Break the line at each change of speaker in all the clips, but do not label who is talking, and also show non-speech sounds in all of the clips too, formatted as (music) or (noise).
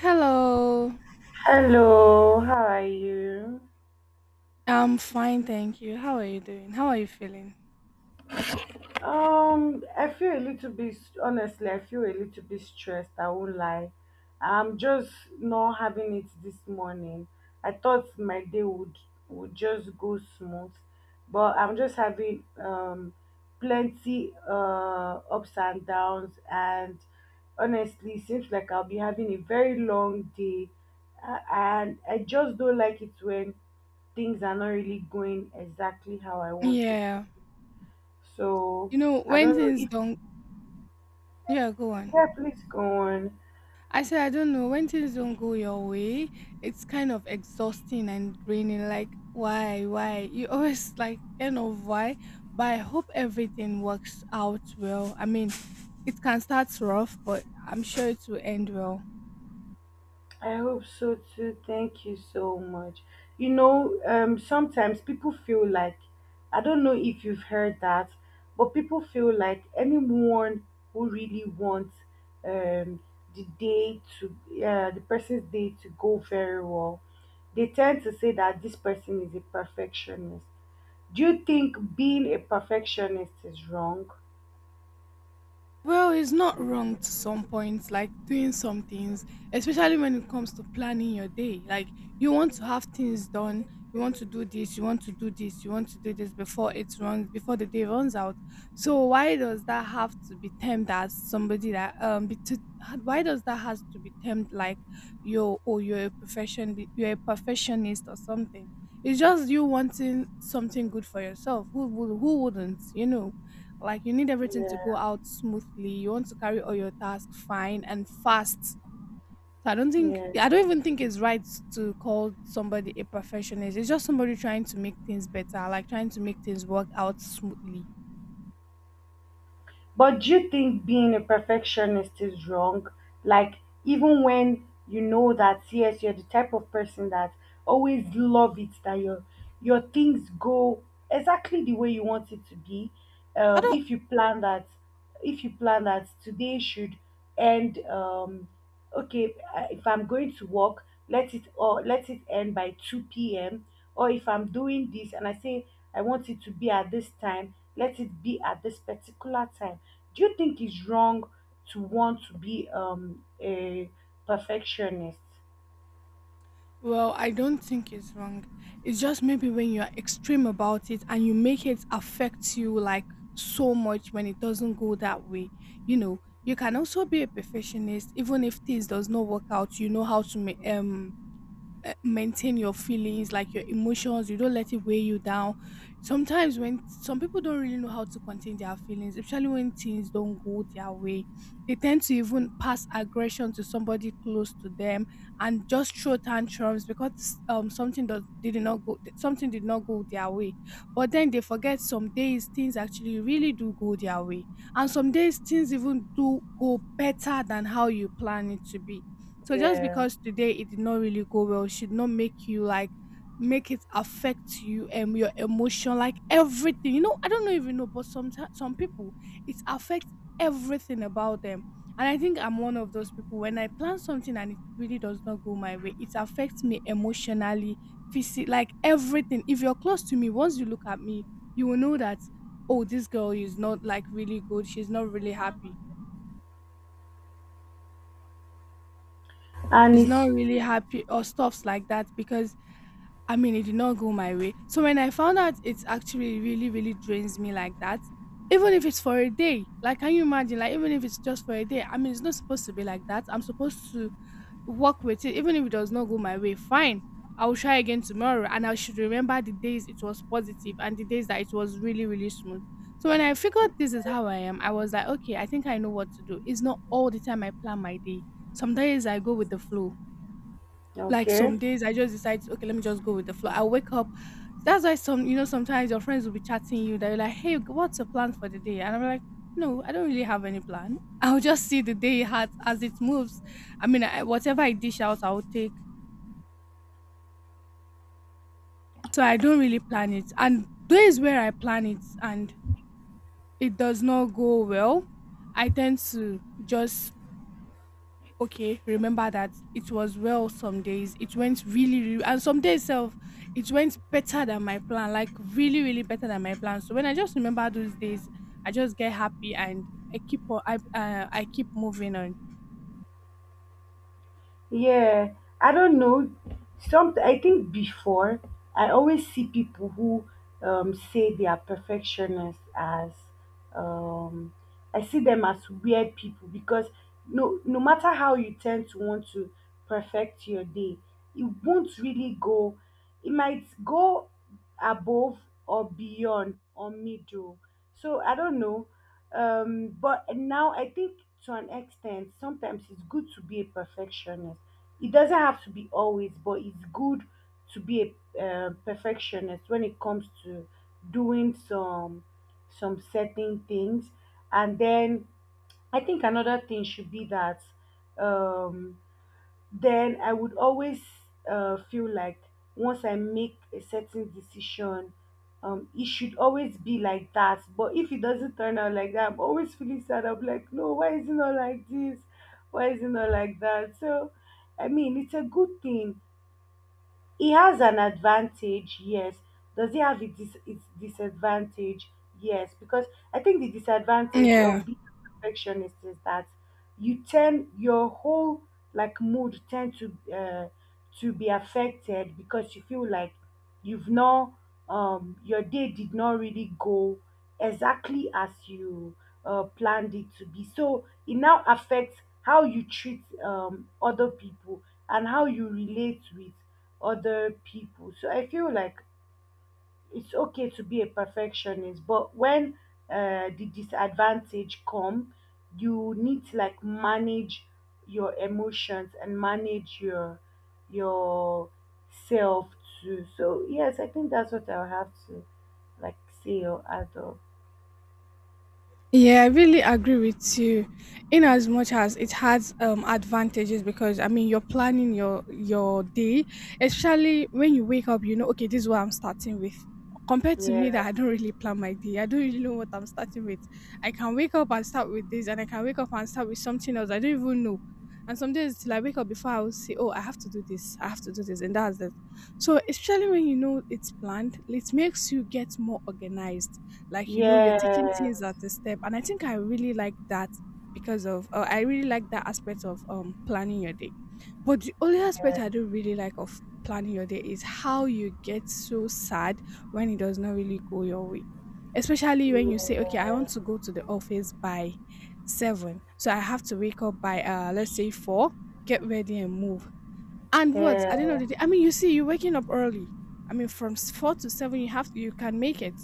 Hello.
Hello, how are you?
I'm fine, thank you. How are you doing? How are you feeling?
I feel a little bit Honestly, I feel a little bit stressed, I won't lie. I'm just not having it this morning. I thought my day would just go smooth, but I'm just having plenty ups and downs, and honestly it seems like I'll be having a very long day, and I just don't like it when things are not really going exactly how I want it to.
Yeah.
So
You know,
I
when
don't know
things
if.
don't. Yeah, go on.
Yeah, please go on.
I said I don't know, when things don't go your way, it's kind of exhausting and draining. Like, why, why? You (laughs) always like kind of why. But I hope everything works out well. I mean, it can start rough, but I'm sure it will end well.
I hope so too. Thank you so much. You know, sometimes people feel like, I don't know if you've heard that, but people feel like anyone who really wants, um the day to the person's day to go very well, they tend to say that this person is a perfectionist. Do you think being a perfectionist is wrong?
Well, it's not wrong to some points, like doing some things, especially when it comes to planning your day. Like you want to have things done, you want to do this, you want to do this, you want to do this before the day runs out. So why does that have to be termed as somebody that be to, why does that has to be termed like you're or you're a profession you're a perfectionist or something? It's just you wanting something good for yourself. Who wouldn't? You know, like you need everything to
Yeah.
go out smoothly. You want to carry all your tasks fine and fast. So
Yeah.
I don't even think it's right to call somebody a perfectionist. It's just somebody trying to make things better, like trying to make things work out smoothly.
But do you think being a perfectionist is wrong? Like, even when you know that, yes, you're the type of person that always love it, that your things go exactly the way you want it to be.
I don't
If you plan that, today should end, okay, if I'm going to work, let it end by 2 p.m. Or if I'm doing this and I say I want it to be at this time, let it be at this particular time, do you think it's wrong to want to be a perfectionist?
well, I don't think it's wrong. It's just maybe when you're extreme about it and you make it affect you like so much when it doesn't go that way, you know, you can also be a perfectionist even if things does not work out. You know how to maintain your feelings, like your emotions. You don't let it weigh you down. Sometimes when some people don't really know how to contain their feelings, especially when things don't go their way, they tend to even pass aggression to somebody close to them and just throw tantrums because something does did not go something did not go their way. But then they forget, some days things actually really do go their way, and some days things even do go better than how you plan it to be. So just
Yeah.
because today it did not really go well should not make you like make it affect you and your emotion, like everything. You know, I don't know if you know, but sometimes some people it affects everything about them. And I think I'm one of those people. When I plan something and it really does not go my way, it affects me emotionally, physically, like everything. If you're close to me, once you look at me, you will know that, oh, this girl is not like really good, she's not really happy.
And
She's not
it's
really happy or stuffs like that because, I mean, it did not go my way. So when I found out, it actually really, really drains me like that, even if it's for a day. Like, can you imagine? Like, even if it's just for a day, I mean, it's not supposed to be like that. I'm supposed to work with it, even if it does not go my way. Fine, I will try again tomorrow, and I should remember the days it was positive and the days that it was really, really smooth. So when I figured this is how I am, I was like, okay, I think I know what to do. It's not all the time I plan my day. Some days I go with the flow. Like,
okay.
some days I just decide, okay, let me just go with the flow. I wake up. That's why sometimes your friends will be chatting you. They're like, hey, what's your plan for the day? And I'm like, no, I don't really have any plan. (laughs) I'll just see the day as it moves. I mean, whatever I dish out, I'll take. So I don't really plan it. And days where I plan it and it does not go well, I tend to just, okay, remember that it was well. Some days it went really, really, and some days self it went better than my plan, like really, really better than my plan. So when I just remember those days, I just get happy, and I keep moving on.
Yeah, I don't know. Some, I think before I always see people who, say they are perfectionists as, um, I see them as weird people because no matter how you tend to want to perfect your day, it won't really go. It might go above or beyond or middle. So I don't know, but now I think to an extent sometimes it's good to be a perfectionist. It doesn't have to be always, but it's good to be a perfectionist when it comes to doing some certain things. And then I think another thing should be that, um then I would always feel like once I make a certain decision, it should always be like that. But if it doesn't turn out like that, I'm always feeling sad. I'm like, no, why is it not like this? Why is it not like that? So, I mean, it's a good thing, he has an advantage, yes. Does he have its, its disadvantage? Yes, because I think the disadvantage
Yeah.
of being a perfectionist is that you tend your whole like mood tend to be affected because you feel like you've not your day did not really go exactly as you planned it to be. So it now affects how you treat other people and how you relate with other people. So I feel like it's okay to be a perfectionist, but when the disadvantage come, you need to like manage your emotions and manage your self too. So yes, I think that's what I'll have to like say or add up.
Yeah, I really agree with you. In as much as it has advantages, because I mean you're planning your day, especially when you wake up, you know, okay, this is what I'm starting with. Compared to me
Yeah,
that I don't really plan my day. I don't really know what I'm starting with. I can wake up and start with this, and I can wake up and start with something else. I don't even know. And some days till I wake up before I will say, oh, I have to do this, I have to do this, and that's it. So especially when you know it's planned, it makes you get more organized. Like, you know, you're taking
yeah,
things at a step, and I think I really like that, because of I really like that aspect of planning your day. But the only aspect
yeah,
I don't really like of planning your day is how you get so sad when it does not really go your way, especially when you say, okay, I
yeah,
want to go to the office by 7, so I have to wake up by, let's say 4, get ready and move. And what, at the end of the day, I mean, you see, you're waking up early. I mean, from 4 to 7 you have, you can make it.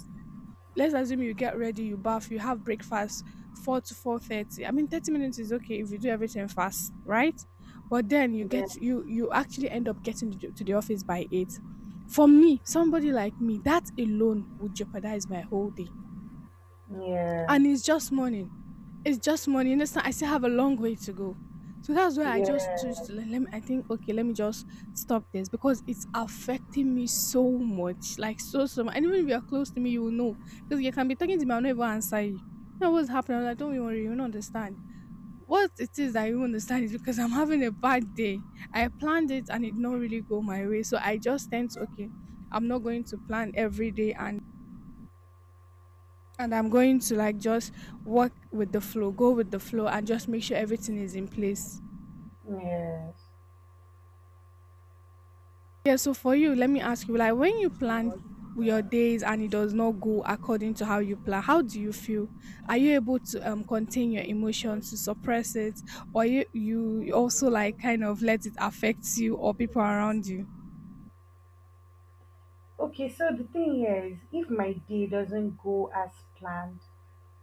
Let's assume you get ready, you bath, you have breakfast, 4 to 4:30. I mean, 30 minutes is okay if you do everything fast, right? But then you
yeah,
get you you actually end up getting to the office by 8. For me, somebody like me, that alone would jeopardize my whole day,
yeah,
and it's just money. You understand? I still have a long way to go. So that's why I just
yeah,
choose to, let,
yes,
let me. I think, okay, let me just stop this, because it's affecting me so much, like so much. And even if you're close to me, you will know, because you can be talking to me, I'll never answer you. You know what's happening? I'm like, don't you worry, you don't understand. What it is that you won't understand is because I'm having a bad day. I planned it and it not really go my way, so I just tend to, okay, I'm not going to plan every day, and I'm going to like just work with the flow, go with the flow, and just make sure everything is in place.
yes.
Yeah, so for you, let me ask you, like, when you plan your days and it does not go according to how you plan, how do you feel? Are you able to contain your emotions, to suppress it, or you also like kind of let it affect you or people around you?
Okay, so the thing is, if my day doesn't go as planned,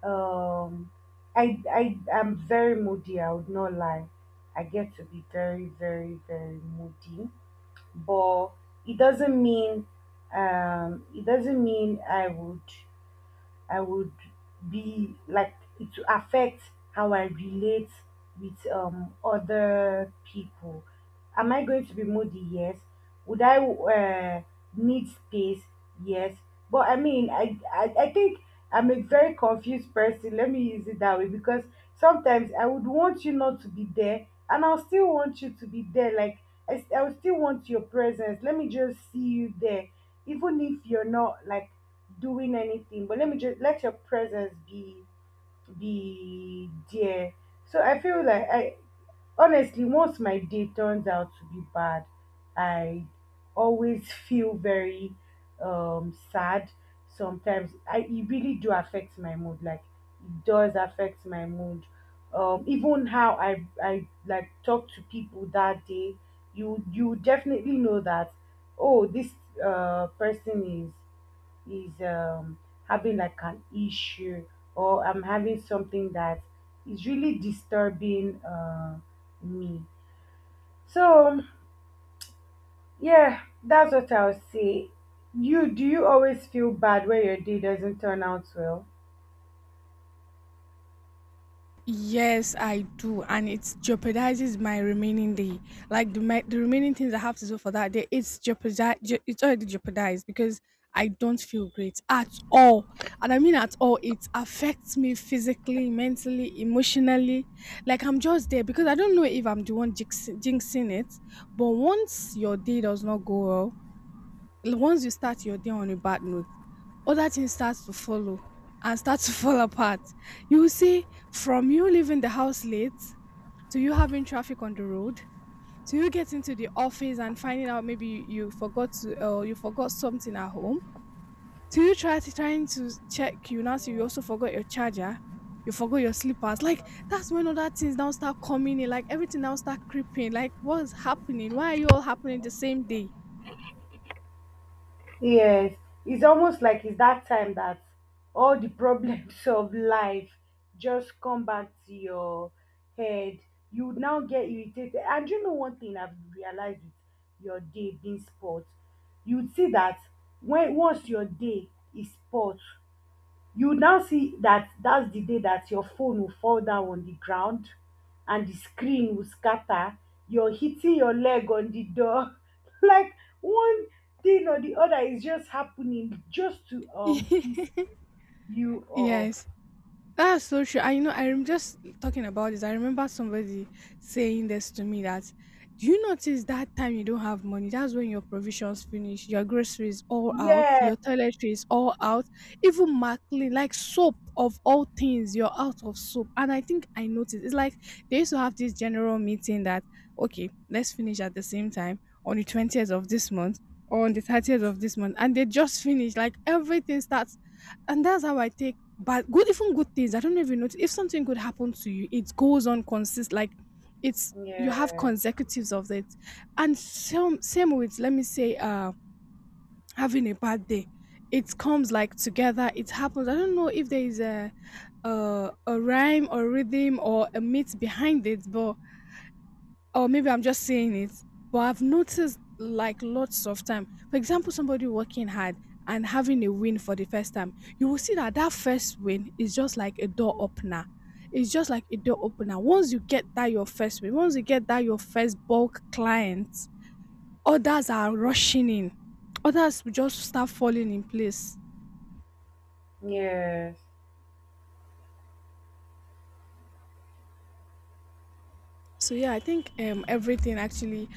um, I am very moody. I would not lie. I get to be very, very, very moody, but it doesn't mean it doesn't mean I would be like it to affect how I relate with other people. Am I going to be moody? Yes. Would I need space? Yes. But I mean, I think I'm a very confused person. Let me use it that way because sometimes I would want you not to be there, and I'll still want you to be there. Like I will still want your presence. Let me just see you there, even if you're not like doing anything, but let me just let your presence be there. So I feel like I, honestly, once my day turns out to be bad, I always feel very sad. Sometimes I it really do affect my mood. Like, it does affect my mood, even how I like talk to people that day. You definitely know that, oh, this person is having like an issue, or I'm having something that is really disturbing me. So yeah, that's what I'll say. You do you always feel bad when your day doesn't turn out well?
Yes, I do, and it jeopardizes my remaining day. Like, the remaining things I have to do for that day, it's jeopardized. It's already jeopardized because I don't feel great at all, and I mean at all. It affects me physically, mentally, emotionally. Like, I'm just there, because I don't know if I'm the one jinxing it. But once your day does not go well, once you start your day on a bad note, other things start to follow and start to (laughs) fall apart. You will see, from you leaving the house late, to you having traffic on the road, to you getting to the office and finding out maybe, you forgot to you forgot something at home, to you trying to check, you now see you also forgot your charger, you forgot your slippers. Like, that's when other things now start coming in, like everything now start creeping. Like, what's happening? Why are you all happening the same day?
Yes, it's almost like it's that time that all the problems (laughs) of life just come back to your head. You would now get irritated. And you know one thing I've realized with your day being sport, you'd see that when once your day is sport, you now see that that's the day that your phone will fall down on the ground and the screen will scatter, you're hitting your leg on the door (laughs) like one thing or the other is just happening just to piss you
(laughs)
off.
Yes. That's so true. I'm just talking about this. I remember somebody saying this to me that, do you notice that time you don't have money? That's when your provisions finish, your groceries all out,
Yeah,
your toiletries all out, even maclean, like soap of all things, you're out of soap. And I think I noticed it's like they used to have this general meeting that, okay, let's finish at the same time on the 20th of this month or on the 30th of this month. And they just finish, like everything starts, and that's how I take. But good, even good things, I don't know if notice. If something good happens to you, it goes on consist, like it's you have
yeah,
consecutives of it. And same with, let me say, having a bad day. It comes like together. It happens. I don't know if there is a a rhyme or rhythm or a myth behind it, but or maybe I'm just saying it, but I've noticed like lots of time. For example, somebody working hard and having a win for the first time, you will see that first win is just like a door opener. It's just like a door opener. Once you get that your first win, once you get that your first bulk client, others are rushing in. Others will just start falling in place.
yes.
So yeah, I think everything actually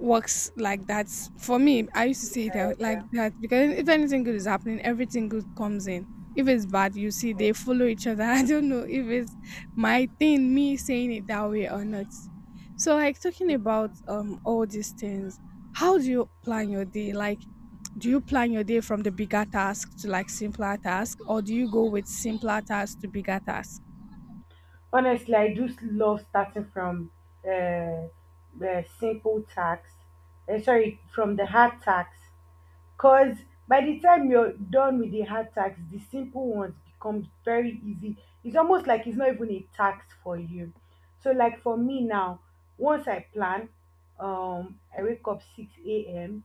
works like that for me. I used to say it out like
Yeah.
that because if anything good is happening, everything good comes in. If it's bad, you see they follow each other. (laughs) I don't know if it's my thing, me saying it that way or not. So like, talking about all these things, how do you plan your day? Like, do you plan your day from the bigger task to like simpler task, or do you go with simpler task to bigger task?
Honestly, I do love starting from, uh, the simple tax. Sorry, from the hard tax. Cause by the time you're done with the hard tax, the simple ones become very easy. It's almost like it's not even a tax for you. So like for me now, once I plan, I wake up 6 a.m.,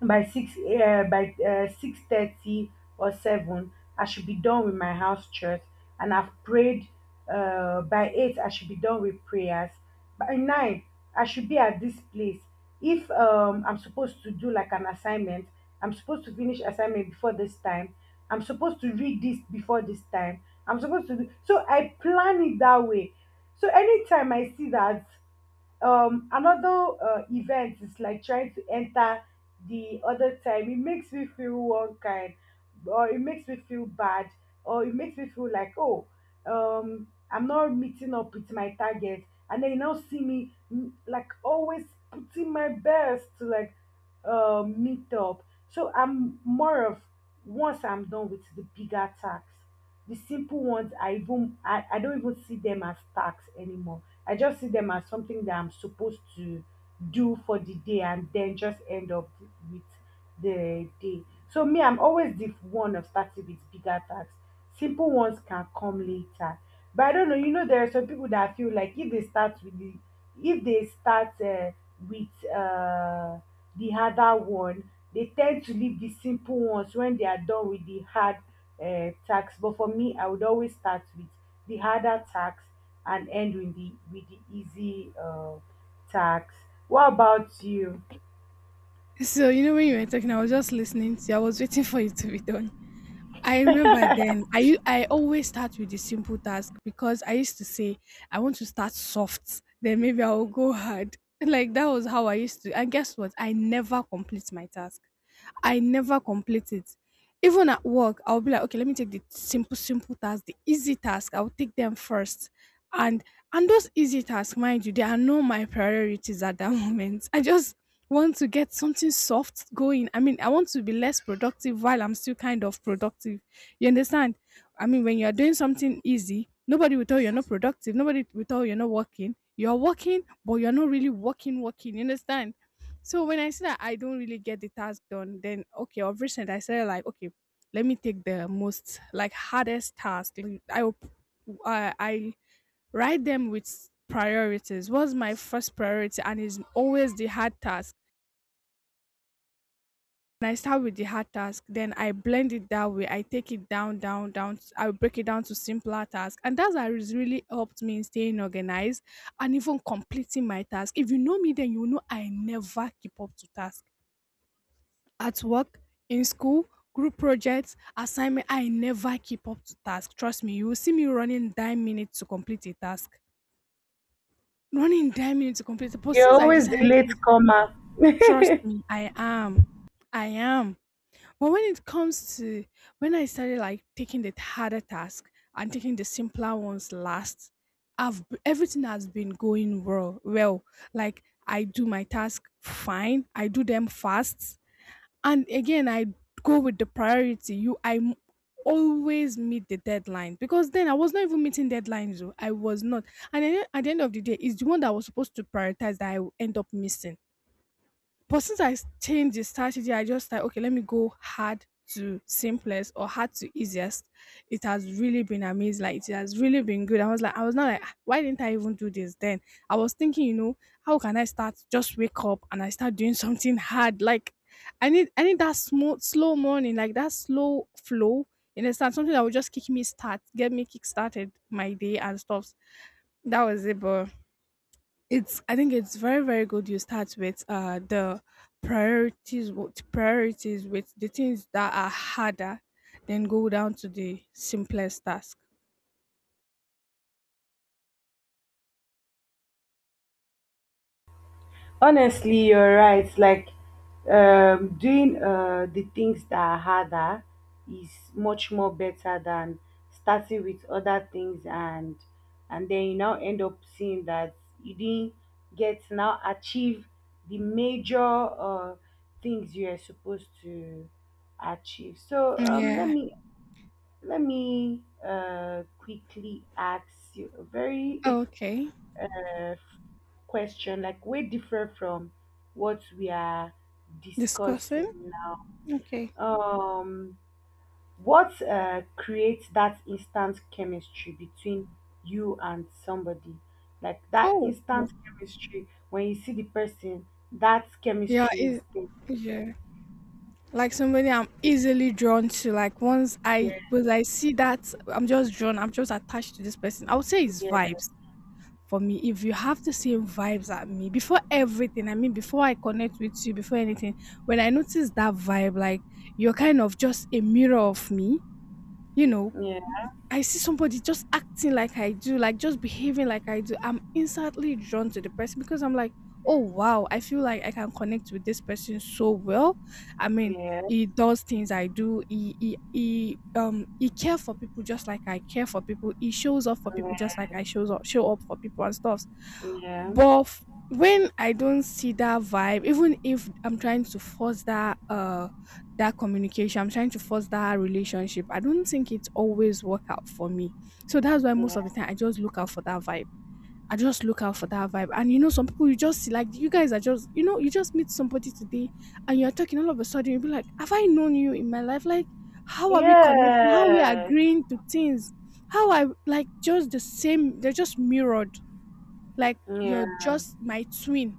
by 6:30 or seven, I should be done with my house church, and I've prayed. By eight, I should be done with prayers. By nine, I should be at this place. If, I'm supposed to do like an assignment, I'm supposed to finish assignment before this time. I'm supposed to read this before this time. I'm supposed to do so. I plan it that way. So anytime I see that another event is like trying to enter the other time, it makes me feel one kind, or it makes me feel bad, or it makes me feel like, oh, I'm not meeting up with my target. And then you now see me like always putting my best to like meet up. So I'm more of, once I'm done with the bigger task, the simple ones, I don't even see them as tasks anymore. I just see them as something that I'm supposed to do for the day and then just end up with the day. So me, I'm always the one of starting with bigger tasks. Simple ones can come later. But I don't know, you know, there are some people that feel like if they start with the if they start with the harder one, they tend to leave the simple ones when they are done with the hard tax. But for me, I would always start with the harder tax and end with the easy tax. What about you?
(laughs) So you know, when you were talking, I was just listening to you. I was waiting for you to be done. I remember then. I always start with the simple task because I used to say I want to start soft, then maybe I will go hard. (laughs) Like, that was how I used to. And guess what? I never complete my task. I never complete it. Even at work, I'll be like, okay, let me take the simple, simple task, the easy task. I'll take them first. And and those easy tasks, mind you, they are not my priorities at that (laughs) moment. I just want to get something soft going. I mean, I want to be less productive while I'm still kind of productive. You understand? I mean, when you're doing something easy, nobody will tell you you're not productive. Nobody will tell you you're not working. You're working, but you're not really working, working. You understand? So when I see that I don't really get the task done, then okay, of recent I said like, okay, let me take the most like hardest task. Like, I write them with priorities. What's my first priority? And it's always the hard task. When I start with the hard task, then I blend it that way. I take it down, down, down. I will break it down to simpler tasks. And that's how it's really helped me in staying organized and even completing my task. If you know me, then you know I never keep up to task. At work, in school, group projects, assignment, I never keep up to task. Trust me, you will see me running 9 minutes to complete a task. Running 9 minutes to complete it. But
You're
since I
always the
decided
late
to,
comer.
trust
(laughs)
me, I am. I am. But when it comes to, when I started like taking the harder task and taking the simpler ones last, everything has been going well. Well, like I do my task fine, I do them fast, and again I go with the priority. Always meet the deadline, because then I was not even meeting deadlines. Though I was not, and then at the end of the day, it's the one that I was supposed to prioritize that I end up missing. But since I changed the strategy, I just like, okay, let me go hard to simplest or hard to easiest. It has really been amazing. Like, it has really been good. I was like, I was not like, "Ah, why didn't I even do this then? I was thinking, you know, how can I start? Just wake up and I start doing (laughs) something hard. Like I need that smooth, slow morning, like that slow flow. You understand, something that will just kick me start, get me kick started my day and stuff. That was it, but it's, I think it's very very good. You start with the priorities, what priorities, with the things that are harder, then go down to the simplest task.
Honestly, you're right. Like, doing the things that are harder is much more better than starting with other things, and then you now end up seeing that you didn't get to now achieve the major things you are supposed to achieve. So, let
Yeah.
me quickly ask you a very
Okay.
(laughs) uh, question, like way different from what we are discussing
Discussing.
now.
Okay.
Um, what creates that instant chemistry between you and somebody? Like that
Oh.
instant chemistry when you see the person, that
Yeah,
chemistry is
it,
there.
yeah. Like somebody I'm easily drawn to. Like, once I
Yeah,
was I see that I'm just drawn, I'm just attached to this person. I would say it's
yeah,
vibes. For me, if you have the same vibes at me, before everything, I mean, before I connect with you, before anything, when I notice that vibe, like you're kind of just a mirror of me, you know.
yeah,
I see somebody just acting like I do, like just behaving like I do, I'm instantly drawn to the person because I'm like, oh wow, I feel like I can connect with this person so well. I mean,
yeah,
he does things I do. He care for people just like I care for people. He shows up for people just like I shows up show up for people and stuff.
yeah, yeah,
But when I don't see that vibe, even if I'm trying to force that that communication, I'm trying to force that relationship, I don't think it's always work out for me. So that's why most of
yeah.
the time I just look out for that vibe. I just look out for that vibe. And you know, some people you just see like you guys are just, you know, you just meet somebody today and you're talking all of a sudden, you'll be like, have I known you in my life? Like, how are we connecting? How are we
Yes,
agreeing to things? How, I like, just the same, they're just mirrored. Like, you're
yeah.
just my twin.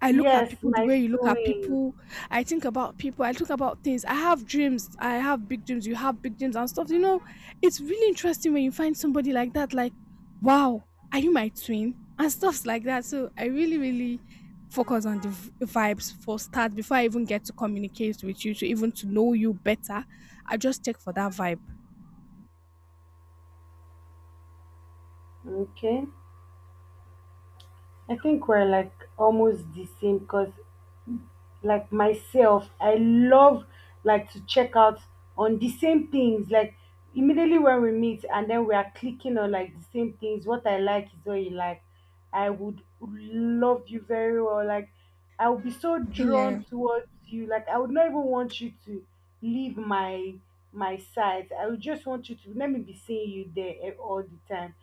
I look at
Yes,
people the
my
way you look at
twin.
people. I think about people. I think about things. I have dreams. I have big dreams. You have big dreams and stuff. You know, it's really interesting when you find somebody like that, like, wow, are you my twin? And stuffs like that. So I really, really focus on the vibes for start before I even get to communicate with you, to even to know you better. I just take for that vibe.
Okay. I think we're like almost the same because, like, myself, I love like to check out on the same things. Like, immediately when we meet and then we are clicking on like the same things, what I like is what you like, I would love you very well. Like, I would be so
Yeah.
drawn towards you, like I would not even want you to leave my side. I would just want you to let me be seeing you there, all the time.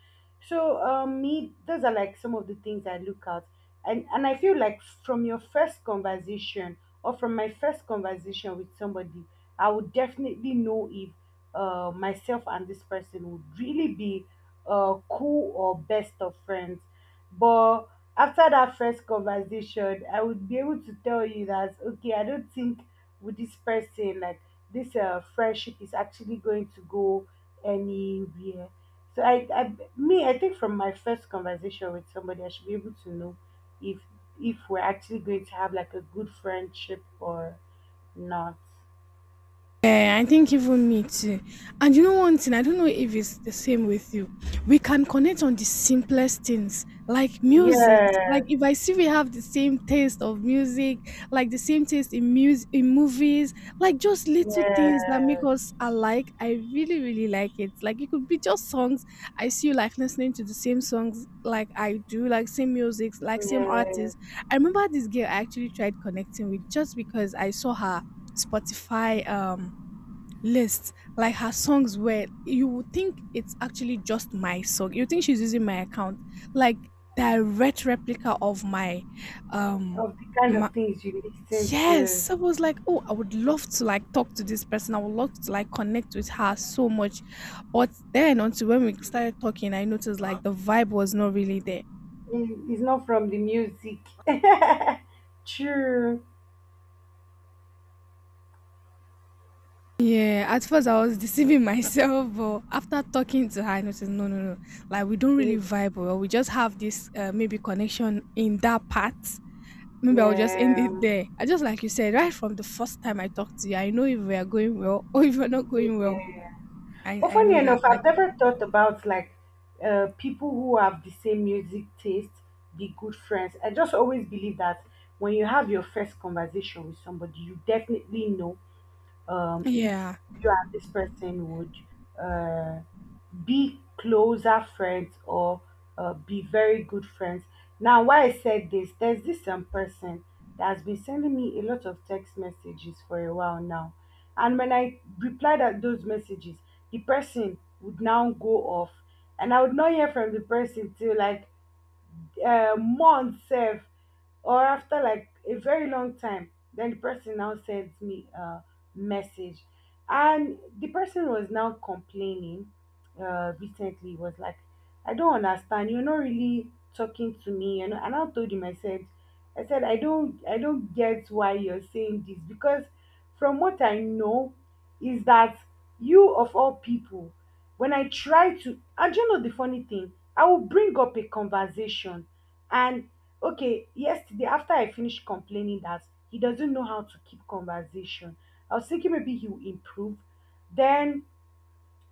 So, me, those are like some of the things I look at. And I feel like, from my first conversation with somebody, I would definitely know if myself and this person would really be cool or best of friends. But after that first conversation, I would be able to tell you that, okay, I don't think with this person, like, this friendship is actually going to go anywhere. So I think, from my first conversation with somebody, I should be able to know if if we're actually going to have like a good friendship or not.
Yeah, I think even me too. And you know one thing, I don't know if it's the same with you. We can connect on the simplest things, like music.
Yeah,
Like, if I see we have the same taste of music, like the same taste in music, in movies, like just little things that make
yeah,
us alike. I really, really like it. Like, it could be just songs. I see you like listening to the same songs like I do, like same music, like same
yeah.
artists. I remember this girl I actually tried connecting with just because I saw her Spotify lists. Like, her songs were, you would think it's actually just my song, you think she's using my account, like direct replica of my um
Of the kind
my
of things you listen
yes.
to.
So, I was like, oh, I would love to like talk to this person, I would love to like connect with her so much. But then, until when we started talking, I noticed like the vibe was not really there.
It's not from the music. (laughs) True.
Yeah, at first I was deceiving (laughs) myself, but after talking to her, I noticed no, no, no. Like, we don't really vibe, or we just have this maybe connection in that part. Maybe I'll just end
Yeah.
it there. I just, like you said, right from the first time I talked to you, I know if we are going well (laughs) or if we're not going well.
Yeah.
I
But
I
funny
know that.
enough,
Like,
I've never thought about people who have the same music taste be good friends. I just always believe that when you have your first conversation with somebody, you definitely know if
yeah,
you and this person would uh, be closer friends or be very good friends. Now, why I said this, there's this person that has been sending me a lot of text messages for a while now. And when I replied at those messages, the person would now go off. And I would not hear from the person till like month sef or after like a very long time then the person now sent me a message and the person was now complaining recently was like, I don't understand, you're not really talking to me, you know, and I told him, I said, I don't, I don't get why you're saying this, because from what I know is that you of all people when I try to, and you know the funny thing, I will bring up a conversation and okay, yesterday after I finished complaining that he doesn't know how to keep conversation, I was thinking maybe he will improve. Then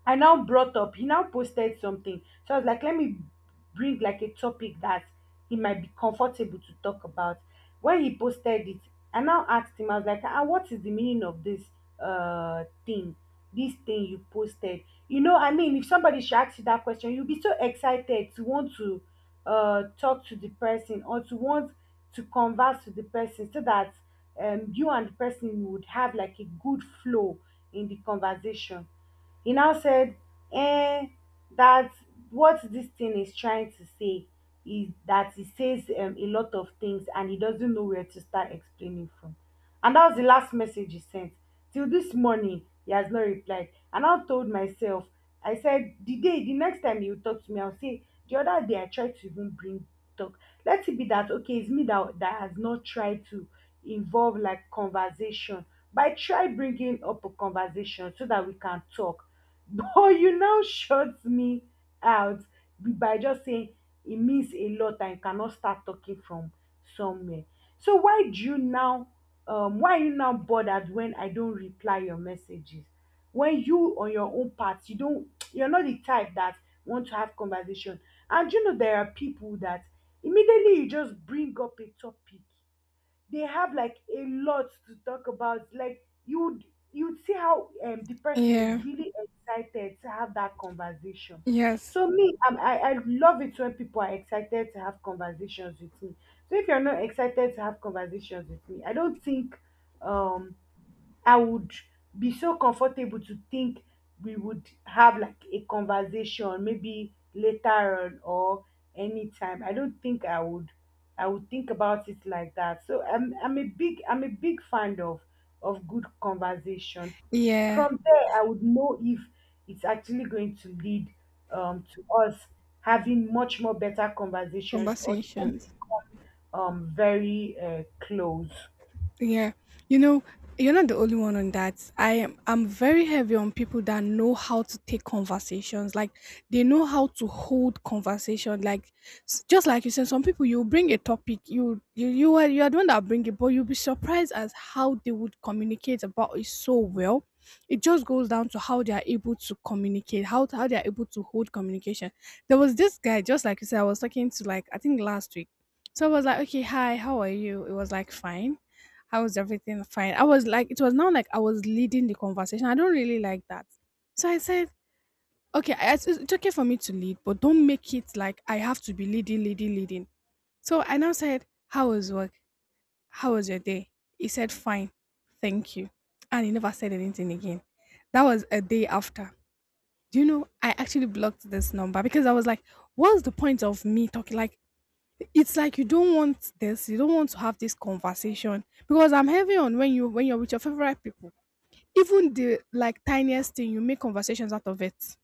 I now brought up, he now posted something. So I was like, let me bring like a topic that he might be comfortable to talk about. When he posted it, I now asked him, I was like, ah, what is the meaning of this thing? This thing you posted. You know, I mean, if somebody should ask you that question, you'll be so excited to want to talk to the person or to want to converse with the person so that you and the person would have like a good flow in the conversation. He now said, eh, that what this thing is trying to say is that he says a lot of things and he doesn't know where to start explaining from. And that was the last message he sent. Till this morning, he has not replied. And I told myself, I said, the next time you talk to me, I'll say, the other day I tried to even bring talk. Let it be that, okay, it's me that has not tried to involve like conversation by try bringing up a conversation so that we can talk. (laughs) But you now shut me out by just saying it means a lot and you cannot start talking from somewhere. So why do you now why are you now bothered when I don't reply your messages? When you on your own part, you're not the type that want to have conversation. And you know there are people that immediately you just bring up a topic they have like a lot to talk about. Like you'd see how the person
yeah,
is really excited to have that conversation.
yes,
So me, I love it when people are excited to have conversations with me. So if you're not excited to have conversations with me, I don't think um I would be so comfortable to think we would have like a conversation maybe later on or anytime. I don't think I would think about it like that. So I'm a big fan of good conversation.
yeah.
From there I would know if it's actually going to lead to us having much more better conversations or even
Conversations.
become very close.
Yeah. You know, you're not the only one on that. I'm very heavy on people that know how to take conversations. Like, they know how to hold conversation. Like, just like you said, some people you bring a topic, you are the one that bring it, but you'll be surprised as how they would communicate about it so well. It just goes down to how they are able to communicate, how they are able to hold communication. There was this guy, just like you said, I was talking to like, I think, last week. So I was like, okay, hi, how are you? It was like, fine, how was everything? Fine. I was like, it was now like I was leading the conversation. I don't really like that. So I said, okay, I, it's okay for me to lead, but don't make it like I have to be leading, leading, leading. So I now said, how was work? How was your day? He said, fine, thank you. And he never said anything again. That was a day after. Do you know, I actually blocked this number because I was like, what's the point of me talking? Like, it's like you don't want this, you don't want to have this conversation. Because I'm heavy on, when you, when you're with your favorite people, even the like tiniest thing, you make conversations out of it,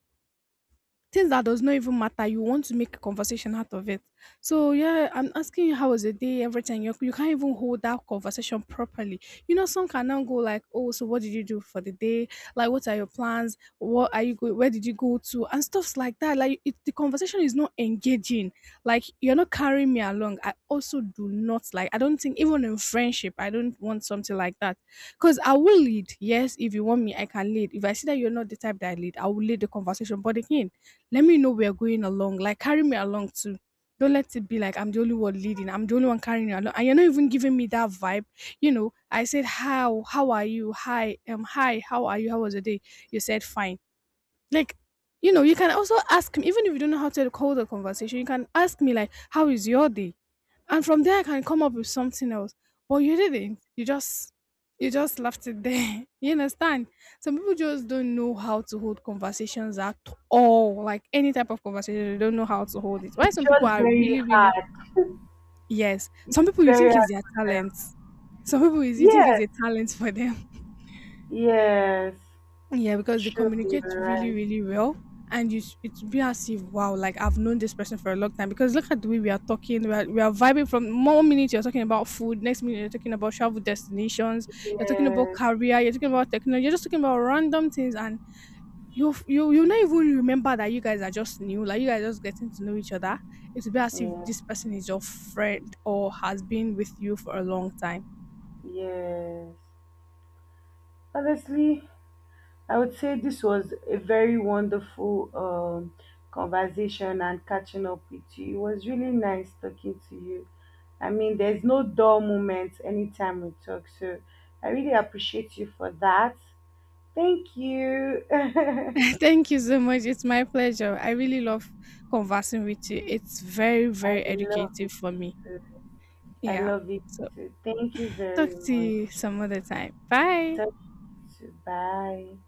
things that does not even matter, you want to make a conversation out of it. So yeah, I'm asking you, how was the day, everything, you can't even hold that conversation properly. You know, some can now go like, oh, so what did you do for the day? Like, what are your plans? What are you going? Where did you go to? And stuffs like that. Like, it, the conversation is not engaging. Like, you're not carrying me along. I also do not like, I don't think even in friendship, I don't want something like that. Because I will lead, yes, if you want me I can lead. If I see that you're not the type, that I lead, I will lead the conversation, but again, let me know we're going along. Like, carry me along too. Don't let it be like I'm the only one leading. I'm the only one carrying you along, and you're not even giving me that vibe. You know, I said, how are you? Hi, hi, how are you? How was your day? You said fine. Like, you know, you can also ask me even if you don't know how to hold the conversation. You can ask me like, how is your day? And from there I can come up with something else. But you didn't. You just left it there. (laughs) You understand? Some people just don't know how to hold conversations at all. Like, any type of conversation, they don't know how to hold it. Why
It's
some people
just
are
very
really, really,
hard.
yes. Some people you
Very
think is
hard
their
for
talent.
them.
Some people is, you think, is
Yes,
a talent for them.
yes.
Yeah, because they
True, you're
communicate really,
right.
really well. And you, it's be as if, wow, like I've known this person for a long time. Because look at the way we are talking, we are vibing from one minute you're talking about food, next minute you're talking about travel destinations, you're talking about
Yes,
career, you're talking about technology, you're just talking about random things, and you f- you not even remember that you guys are just new, like you guys are just getting to know each other. It's be as if
yeah,
this person is your friend or has been with you for a long time.
yes. Honestly, I would say this was a very wonderful conversation and catching up with you. It was really nice talking to you. I mean, there's no dull moment anytime we talk, so I really appreciate you for that. Thank you. (laughs) I
Thank you so much. It's my pleasure. I really love conversing with you. It's very, very
love
educative for me.
it. I
Yeah.
love it
So,
too. Thank you
talk
very
to you
much.
some other time. Bye.
Talk to you. Bye.